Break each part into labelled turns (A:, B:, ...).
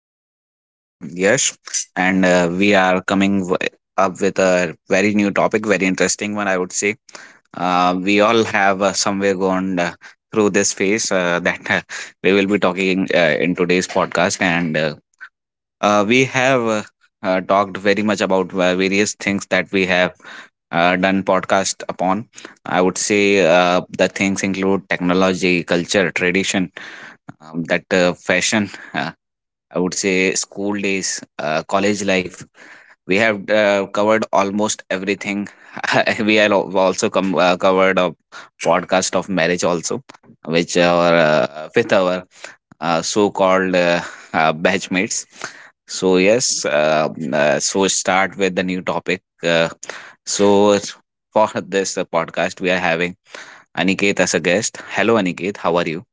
A: Is your host, Yash, and we are coming up with a very new topic, very interesting one, I would say. We all have somewhere gone through this phase, that we will be talking in today's podcast, and we have talked very much about various things that we have done podcast upon. I would say the things include technology, culture, tradition, that fashion, I would say, school days, college life. We have covered almost everything. We have also come covered a podcast of marriage also, which our, with our, so called batchmates so yes, start with the new topic. So for this podcast, we are having Aniket as a guest. Hello, Aniket, how are you?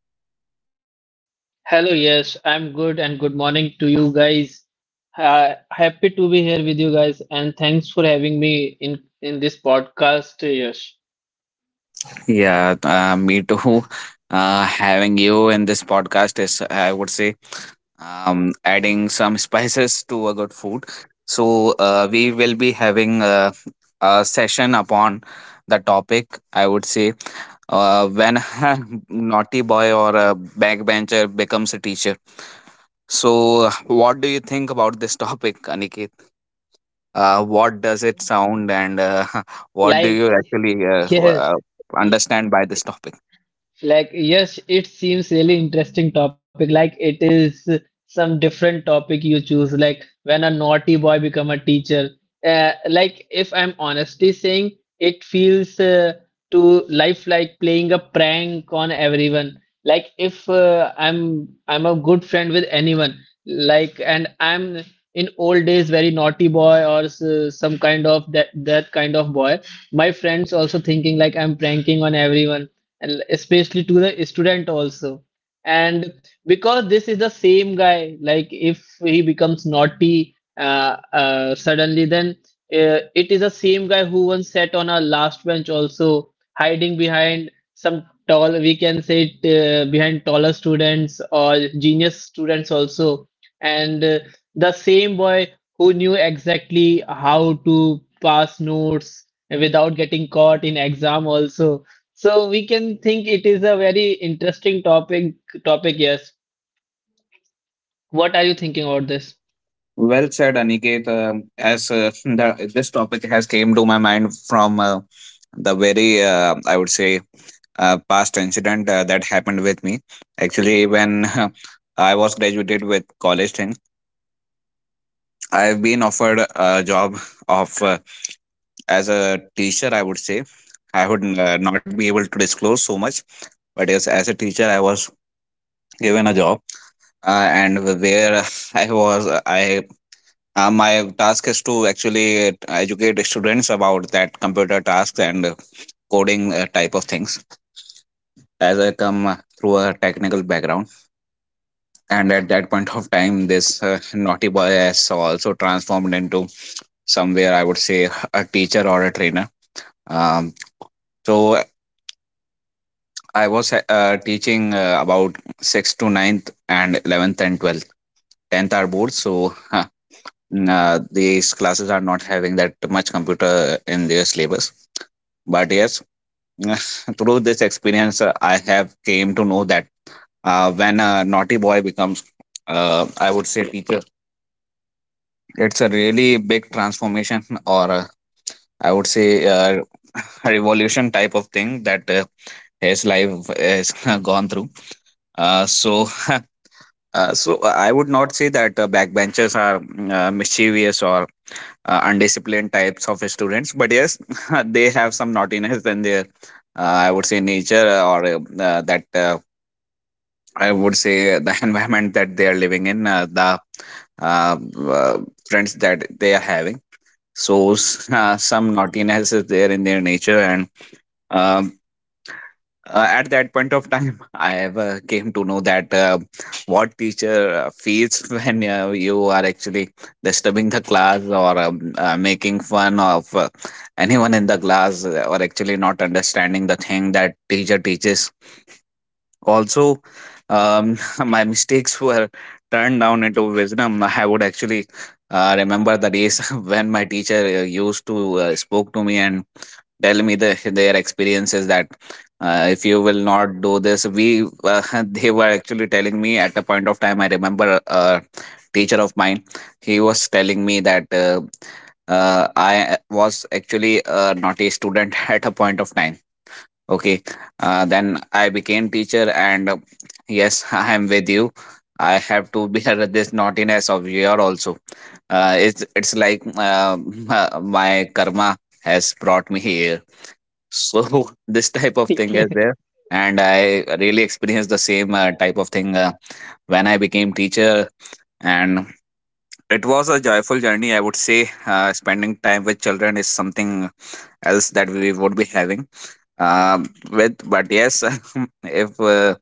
B: Hello, yes, I'm good and good morning to you guys. Happy to be here with you guys and thanks for having me in this podcast, Yash.
A: Yeah, me too. Having you in this podcast is, I would say, adding some spices to a good food. So, we will be having a, session upon the topic. I would say, when a naughty boy or a backbencher becomes a teacher. So, what do you think about this topic, Aniket? What does it sound, and what do you
B: Like,
A: actually,
B: yes,
A: understand by this topic?
B: like, yes, it seems really interesting topic. Like it is some different topic you choose. Like when a naughty boy become a teacher. Like if I'm honestly saying, it feels to life like playing a prank on everyone. Like if I'm a good friend with anyone. Like and I'm in old days very naughty boy or s some kind of that kind of boy. My friends also thinking like I'm pranking on everyone, and especially to the student also, and because this is the same guy, like if he becomes naughty suddenly, then it is the same guy who once sat on a last bench also, hiding behind some tall, we can say it, behind taller students or genius students also, and the same boy who knew exactly how to pass notes without getting caught in exam also. So we can think it is a very interesting topic, yes. What are you thinking about this?
A: Well said, Aniket. As this topic has came to my mind from the very, I would say, past incident that happened with me. Actually, when I was graduated with college thing, I've been offered a job of as a teacher. I would say, I would not be able to disclose so much, but yes, as a teacher, I was given a job, and where I was, I my task is to actually educate students about that computer tasks and coding, type of things, as I come through a technical background. And at that point of time, this naughty boy has also transformed into, somewhere I would say, a teacher or a trainer. Um, so I was teaching about 6th to ninth, and 11th and 12th. 10th are boards, so, these classes are not having that much computer in their syllabus. But yes, through this experience, I have came to know that, when a naughty boy becomes, I would say, teacher, it's a really big transformation, or I would say, uh, a revolution type of thing that his life has gone through. uh, so so I would not say that backbenchers are mischievous or undisciplined types of students, but yes, they have some naughtiness in their, I would say, nature, or that I would say, the environment that they are living in, the, uh, uh, friends that they are having. So, some naughtiness is there in their nature, and, um, at that point of time, I ever came to know that what teacher feels when, you are actually disturbing the class, or, making fun of anyone in the class, or actually not understanding the thing that teacher teaches also. um, my mistakes were turned down into wisdom. I would actually remember the days when my teacher used to spoke to me and tell me their experiences that, if you will not do this, we, they were actually telling me. At a point of time, I remember a teacher of mine. He was telling me that, I was actually a naughty student at a point of time. Okay, then I became teacher, and yes, I am with you. I have to bear this naughtiness of your also. It's like, my karma has brought me here. So, this type of thing is there, and I really experienced the same type of thing when I became teacher, and it was a joyful journey. I would say, spending time with children is something else that we would be having with. But yes, if uh,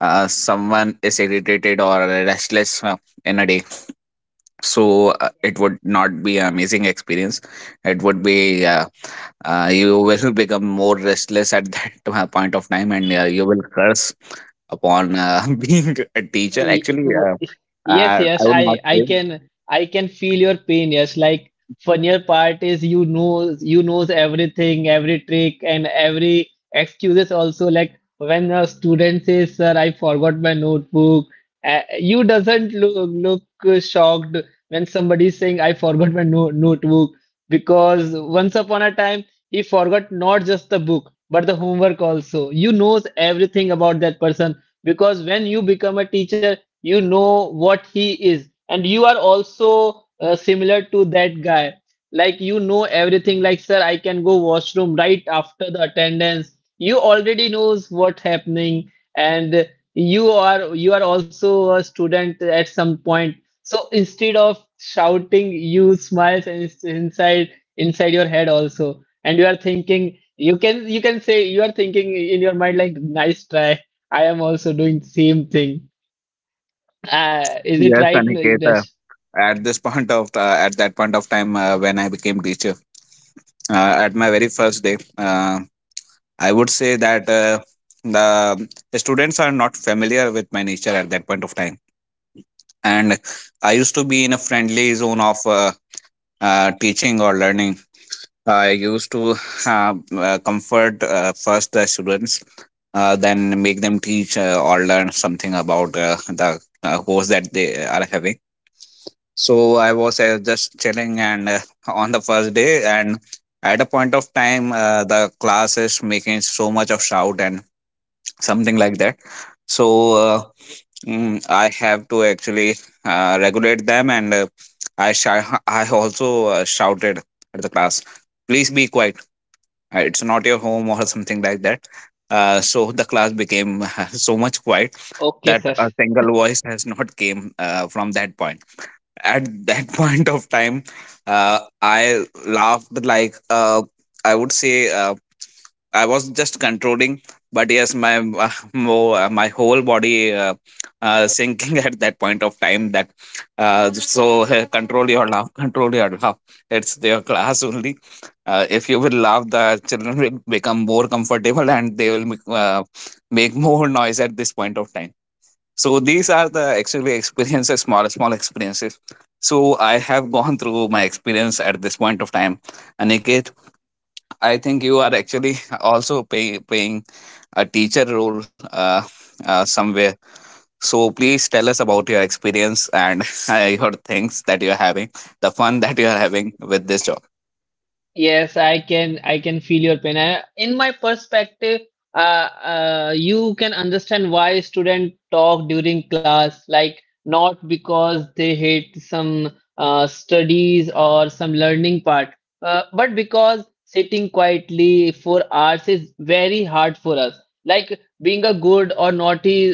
A: uh, someone is irritated or restless in a day, so, it would not be an amazing experience. It would be, you will become more restless at, that point of time, and you will curse upon, being a teacher.
B: Ye-
A: Actually,
B: ye- Yes, yes,
A: I would
B: I
A: not
B: I
A: say.
B: can I can feel your pain. Yes, like funnier part is you knows everything, every trick and every excuses also. Like when a student says, "Sir, I forgot my notebook," you doesn't look shocked when somebody is saying, "I forgot my no notebook," because once upon a time he forgot not just the book but the homework also. You knows everything about that person because when you become a teacher, you know what he is, and you are also similar to that guy. Like you know everything. Like sir, I can go washroom right after the attendance. You already knows what happening, and you are also a student at some point. So instead of shouting, you smiles, and it's inside your head also, and you are thinking, you can, say you are thinking in your mind like nice try, I am also doing same thing. Is it
A: Yes,
B: right,
A: Aniket.
B: Nitesh?
A: At this point of, at that point of time, when I became teacher. At my very first day. I would say that, the students are not familiar with my nature at that point of time. And I used to be in a friendly zone of, teaching or learning. I used to comfort first, the students, then make them teach or learn something about, the course that they are having. So I was, just chilling, and on the first day, and at a point of time, the class is making so much of shout and something like that. So, I have to actually regulate them, and I also shouted at the class, "Please be quiet! It's not your home or something like that." So the class became so much quiet
B: Okay,
A: that
B: sir.
A: a single voice has not came from that point, at that point of time. I laughed like, I would say, uh, I was just controlling, but yes, my, uh, my whole body, sinking at that point of time that, uh, so control your laugh, control your laugh, it's their class only. If you will laugh, the children will become more comfortable and they will make more noise at this point of time. So these are the actually experiences, small, small experiences. So I have gone through my experience at this point of time. Aniket, I think you are actually also paying a teacher role, somewhere. So please tell us about your experience, and your things that you are having, the fun that you are having with this job.
B: Yes, I can feel your pain. And in my perspective, you can understand why students talk during class, like not because they hate some studies or some learning part, but because sitting quietly for hours is very hard for us. Like being a good or naughty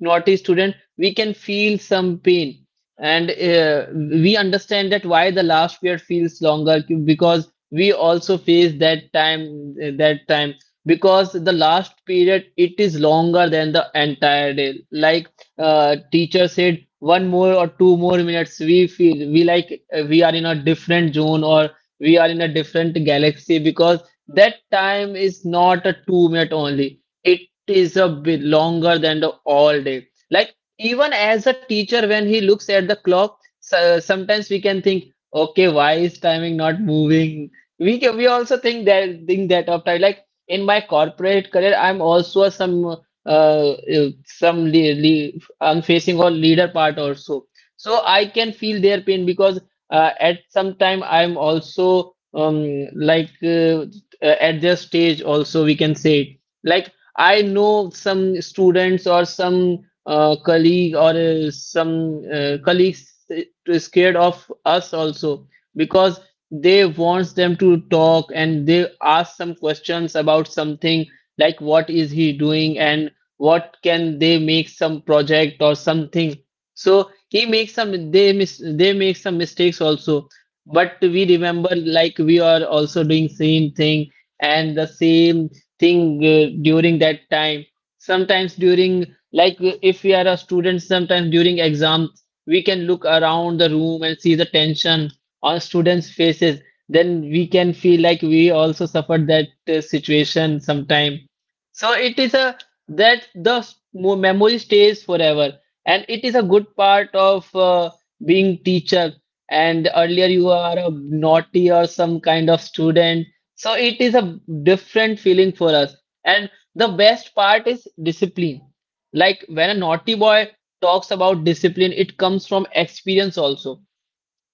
B: naughty student, we can feel some pain. And we understand that why the last period feels longer because we also face that time, because the last period, it is longer than the entire day. Like teacher said one more or 2 more minutes, we feel we like we are in a different zone, or we are in a different galaxy because that time is not a 2 minute only, it is a bit longer than the all day. Like even as a teacher, when he looks at the clock, so sometimes we can think, okay, why is timing not moving? We we also think that of time. Like in my corporate career, I'm also uh, some le le I'm facing or leader part also. So I can feel their pain because at some time, I'm also like at their stage also, we can say it. Like I know some students or some colleague, or some colleagues scared of us also, because they wants them to talk and they ask some questions about something, like what is he doing, and what can they make some project or something. So he makes some, they make some mistakes also, but we remember, like we are also doing same thing and the same thing during that time. Sometimes, during, like if we are a student, sometimes during exams, we can look around the room and see the tension on students' faces, then we can feel like we also suffered that situation sometime. So it is a, that the s- mo- memory stays forever, and it is a good part of being teacher. And earlier, you are a naughty or some kind of student, so it is a different feeling for us. And the best part is discipline. Like when a naughty boy talks about discipline, it comes from experience also.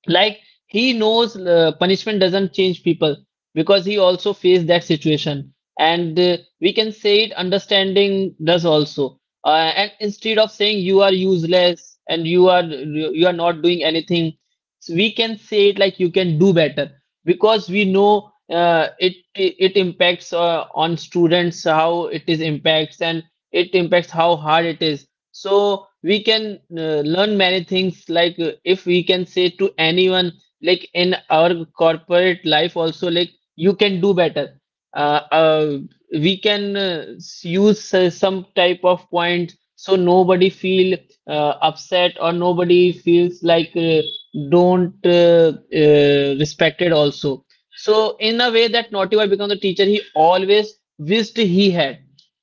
B: Like he knows punishment doesn't change people, because he also faced that situation. And we can say it, understanding does also. And instead of saying you are useless and you are not doing anything, so we can say it like you can do better, because we know it impacts on students, how it is impacts, and it impacts how hard it is. So we can learn many things, like if we can say to anyone, like in our corporate life also, like you can do better, uh, uh, we can use some type of point, so nobody feel upset, or nobody feels like don't respected also. So in a way, that naughty boy become the teacher he always wished he had,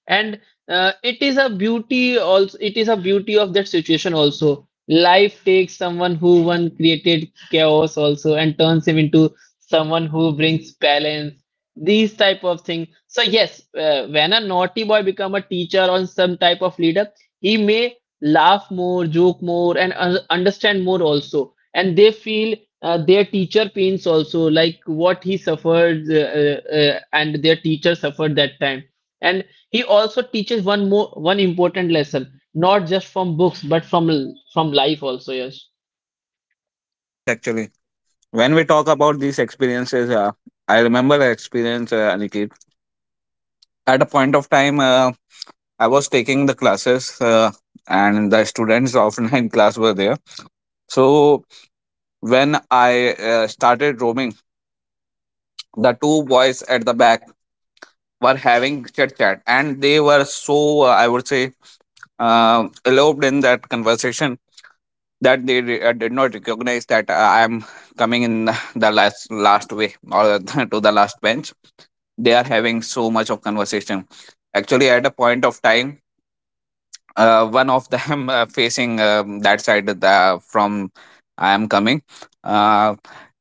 B: and it is a beauty also, it is a beauty of that situation also. Life takes someone who one created chaos also and turns him into someone who brings balance. These type of things. So yes, when a naughty boy become a teacher or some type of leader, he may laugh more, joke more, and understand more also. And they feel their teacher pains also, like what he suffered and their teacher suffered that time. And he also teaches one important lesson, not just from books, but from life also, yes.
A: Yes, actually, when we talk about these experiences, I remember an experience, Aniket. At a point of time, I was taking the classes, and the students of ninth class were there. So when I started roaming, the two boys at the back were having chit chat, and they were so, I would say, eloped in that conversation that they, did not recognize that I am coming in the last way, or to the last bench. They are having so much of conversation. Actually, at a point of time, one of them, facing, that side of from I am coming. Uh,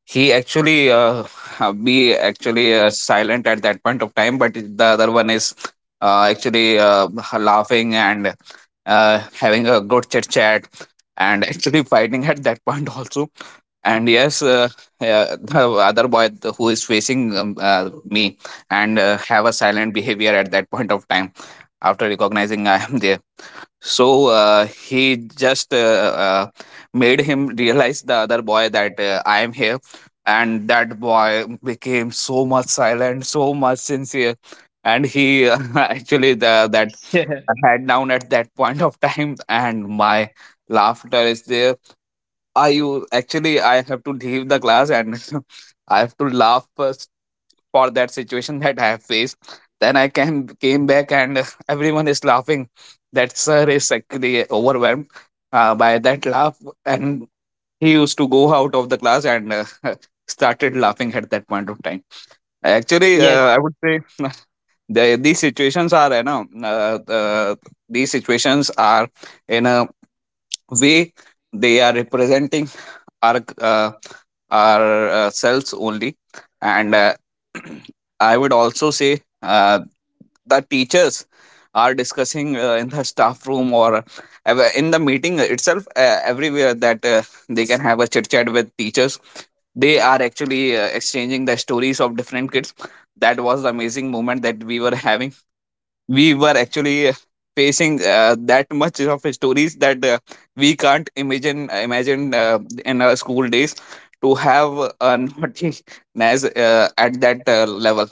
A: he actually, be actually silent at that point of time, but the other one is actually laughing and having a good chit chat, and actually fighting at that point also. And yes, the other boy, who is facing, me and have a silent behavior at that point of time, after recognizing I am there, so, he just made him realize the other boy that, I am here, and that boy became so much silent, so much sincere, and he actually that head down at that point of time, and my laughter is there. I you actually I have to leave the class, and I have to laugh, for that situation that I have faced. Then I came back, and everyone is laughing. That sir is actually overwhelmed, by that laugh, and he used to go out of the class, and started laughing at that point of time. Actually,
B: Yes,
A: I would say, these situations are, these situations are, in a way, they are representing our, selves only. And I would also say that teachers are discussing in the staff room, or in the meeting itself, everywhere, that they can have a chit chat with teachers. They are actually exchanging the stories of different kids. That was the amazing moment that we were having. We were actually facing that much of stories that we can't imagine in our school days to have a naughtiness, at that level.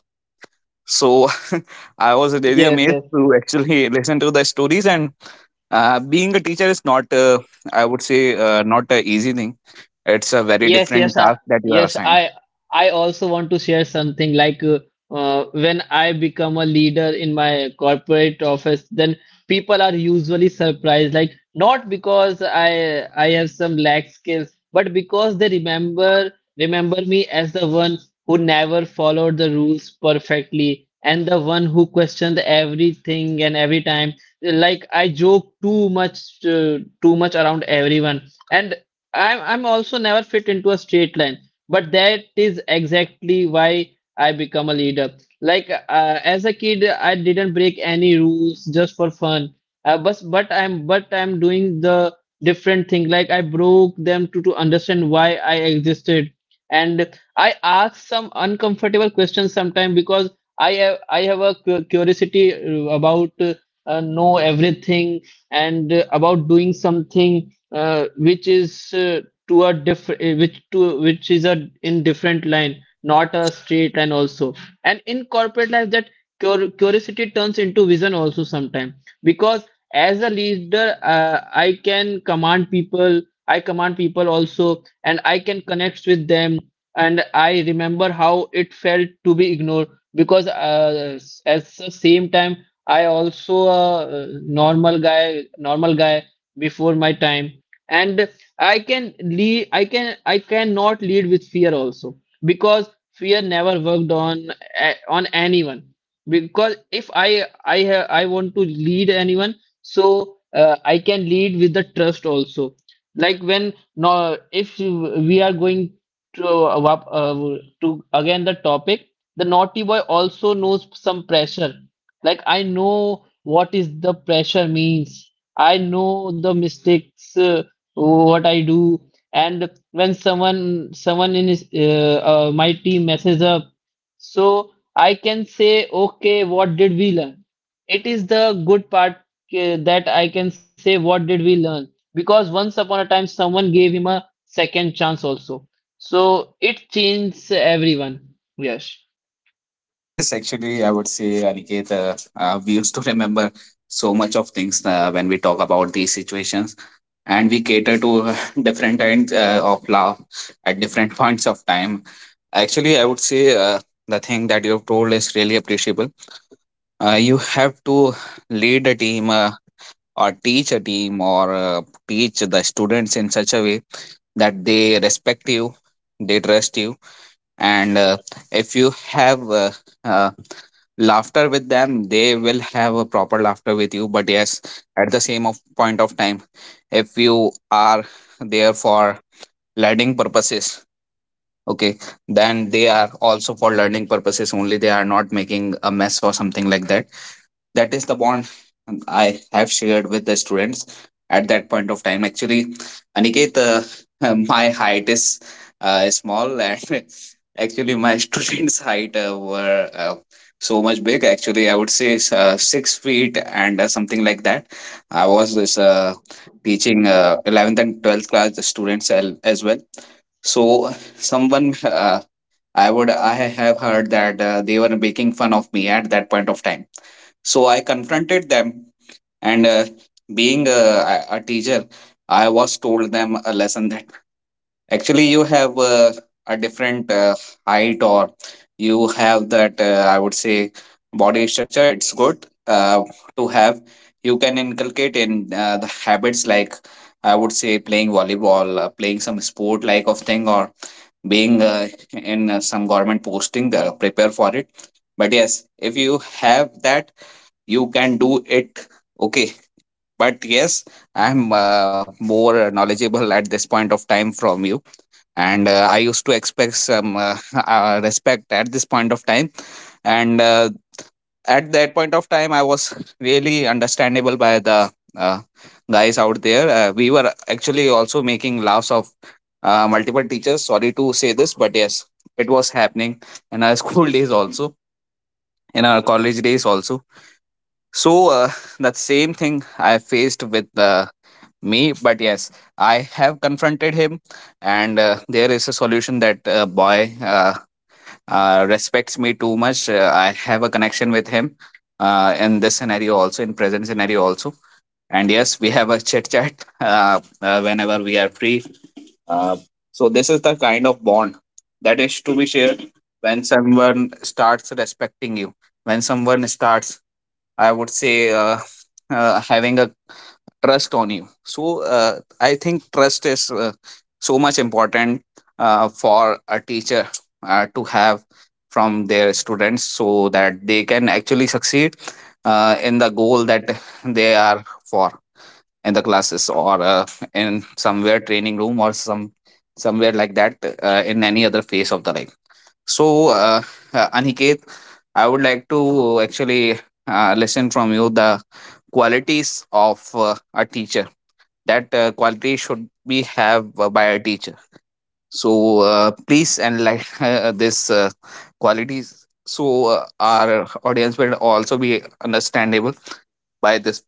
A: So I was really
B: yes,
A: amazed
B: yes.
A: to actually listen to the stories, and being a teacher is not, I would say, not a easy thing. It's a very
B: Yes,
A: different
B: yes,
A: task that you are
B: yes.
A: assigned.
B: I also want to share something like when I become a leader in my corporate office, then people are usually surprised. Like not because I have some lack skills, but because they remember me as the one who never followed the rules perfectly, and the one who questioned everything and every time. Like I joke too much around everyone. And. I'm also never fit into a straight line, but that is exactly why I become a leader. Like as a kid, I didn't break any rules just for fun. But I'm doing the different thing. Like I broke them to understand why I existed, and I ask some uncomfortable questions sometimes because I have a curiosity about know everything, and about doing something which is to a different, which is a in different line, not a straight line also. And in corporate life, that curiosity turns into vision also sometimes, because as a leader, I can command people, also, and I can connect with them, and I remember how it felt to be ignored because at the same time, I also a normal guy before my time. And I cannot lead with fear also, because fear never worked on on anyone. Because if I want to lead anyone, so I can lead with the trust also. Like when no, if we are going to to again the topic, the naughty boy also knows some pressure. Like I know what is the pressure means. I know the mistakes, so, what I do. And when someone in my team messes up, so I can say, okay, what did we learn? It is the good part that I can say, what did we learn? Because once upon a time, someone gave him a second chance also. So it changed everyone. Yes.
A: Yes, actually, I would say, Aniket, we used to remember so much of things when we talk about these situations, and we cater to different kinds of love at different points of time. Actually, I would say, the thing that you've told is really appreciable. You have to lead a team, or teach a team, or teach the students in such a way that they respect you, they trust you, and if you have, uh, laughter with them, they will have a proper laughter with you. But yes, at the same of point of time, if you are there for learning purposes, okay, then they are also for learning purposes only. They are not making a mess or something like that. That is the bond I have shared with the students at that point of time. Actually, Aniket, my height is, small, and actually, my students' height were, so much big. Actually, I would say, six feet and something like that. I was this teaching 11th and 12th class students as well. So, someone, I have heard that they were making fun of me at that point of time, so I confronted them, and being a teacher, I was told them a lesson that actually you have, a different, height, or you have that, I would say, body structure. It's good to have. You can inculcate in the habits like, I would say, playing volleyball, playing some sport like of thing, or being, in some government posting. Prepare for it. But yes, if you have that, you can do it, okay, but yes, I'm more knowledgeable at this point of time from you, and I used to expect some, respect at this point of time. And at that point of time, I was really understandable by the, uh, guys out there. We were actually also making laughs of, multiple teachers, sorry to say this, but yes, it was happening in our school days also, in our college days also. So that same thing I faced with, me, but yes, I have confronted him, and there is a solution that, boy, respects me too much. I have a connection with him in this scenario also, in present scenario also, and yes, we have a chit chat whenever we are free. Uh, so this is the kind of bond that is to be shared when someone starts respecting you, when someone starts, I would say, having a trust on you. So I think trust is, so much important for a teacher to have from their students, so that they can actually succeed in the goal that they are for, in the classes, or in somewhere training room, or some somewhere like that, in any other phase of the life. So, Aniket, I would like to actually listen from you the qualities of a teacher, that quality should be have by a teacher. So, please enlighten this, qualities, so our audience will also be understandable by this.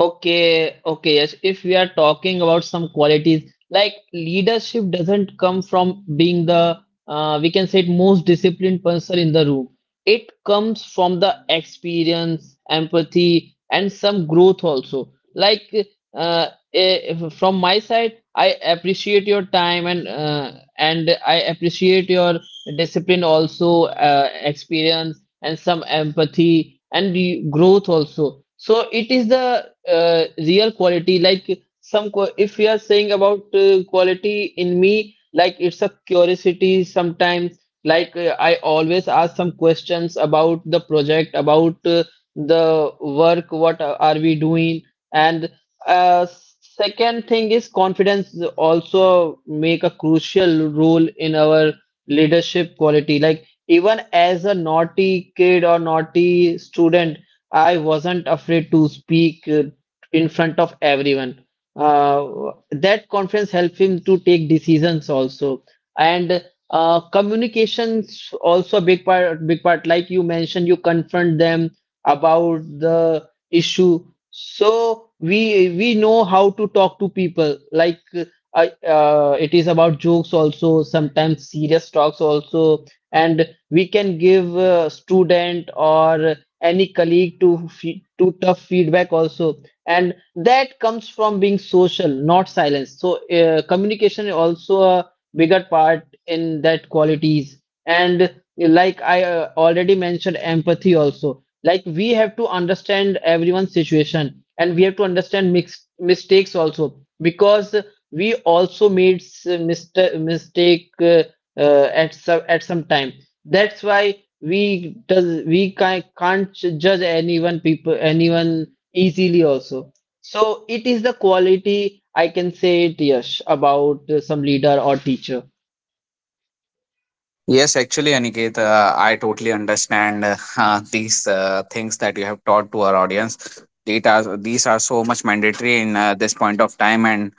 B: Okay, okay, yes. If we are talking about some qualities, like leadership doesn't come from being the, we can say it, most disciplined person in the room. It comes from the experience, empathy, and some growth also. Like, uh, if, from my side, I appreciate your time, and and I appreciate your discipline also, experience, and some empathy, and the growth also. So it is the real quality. Like if we are saying about quality in me, like it's a curiosity sometimes. Like I always ask some questions about the project, about the work, what are we doing. And uh, second thing is confidence also make a crucial role in our leadership quality. Like even as a naughty kid or naughty student, I wasn't afraid to speak in front of everyone. Uh, that confidence helped him to take decisions also, and communications also a big part. Big part, like you mentioned, you confront them about the issue, so we know how to talk to people. Like it is about jokes also, sometimes serious talks also, and we can give a student or any colleague to fe to tough feedback also, and that comes from being social, not silence. So communication is also a bigger part in that qualities, and like I already mentioned, empathy also. Like we have to understand everyone's situation, and we have to understand mix mistakes also, because we also made mistake at some time. That's why we can't judge anyone easily also. So it is the quality I can say it, yes, about some leader or teacher.
A: Yes, actually, Aniket, I totally understand these things that you have taught to our audience. These are so much mandatory in this point of time, and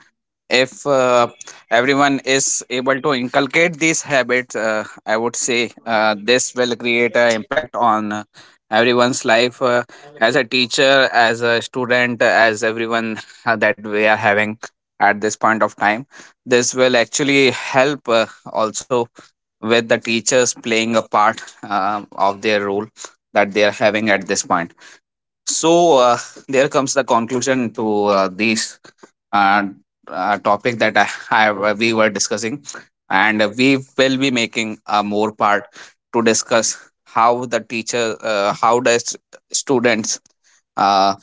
A: if everyone is able to inculcate these habits, I would say, this will create an impact on, everyone's life, as a teacher, as a student, as everyone, that we are having at this point of time. This will actually help, also, with the teachers playing a part of their role that they are having at this point. So there comes the conclusion to, this, uh, topic that I have we were discussing, and we will be making a more part to discuss how the teacher, how does students. Uh,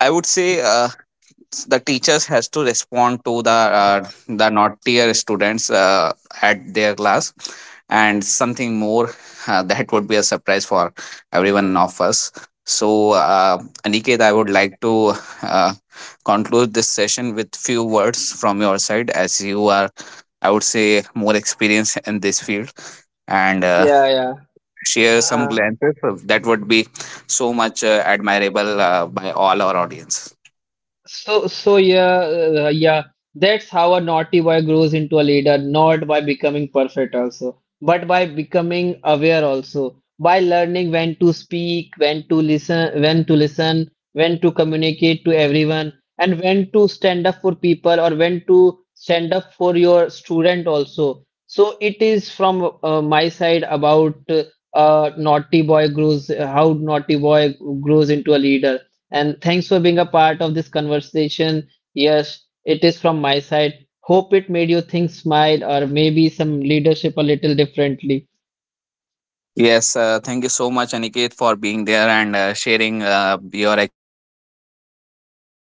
A: I would say. The teachers has to respond to the, the naughtier students at their class, and something more that would be a surprise for everyone of us. So Aniket, I would like to uh, conclude this session with few words from your side, as you are, I would say, more experienced in this field, and
B: Yeah, yeah.
A: share some
B: Uh,
A: glances that would be so much admirable by all our audience.
B: so, yeah, yeah. That's how a naughty boy grows into a leader, not by becoming perfect also, but by becoming aware also, by learning when to speak, when to listen, when to communicate to everyone, and when to stand up for people or when to stand up for your student also. So it is from my side about naughty boy grows, how naughty boy grows into a leader. And thanks for being a part of this conversation. Yes, it is from my side. Hope it made you think, smile, or maybe some leadership a little differently.
A: Yes, thank you so much, Aniket, for being there and sharing your, actually, I would say, loudly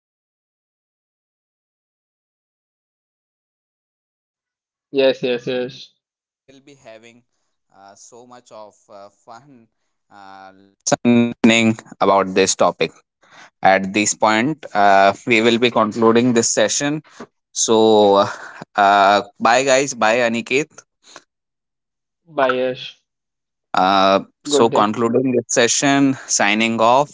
B: Yes, yes, yes.
A: at this point. We will be concluding this session. So, bye guys, bye Aniket.
B: Bye, Yash. Good
A: So,
B: day.
A: concluding this session, signing off.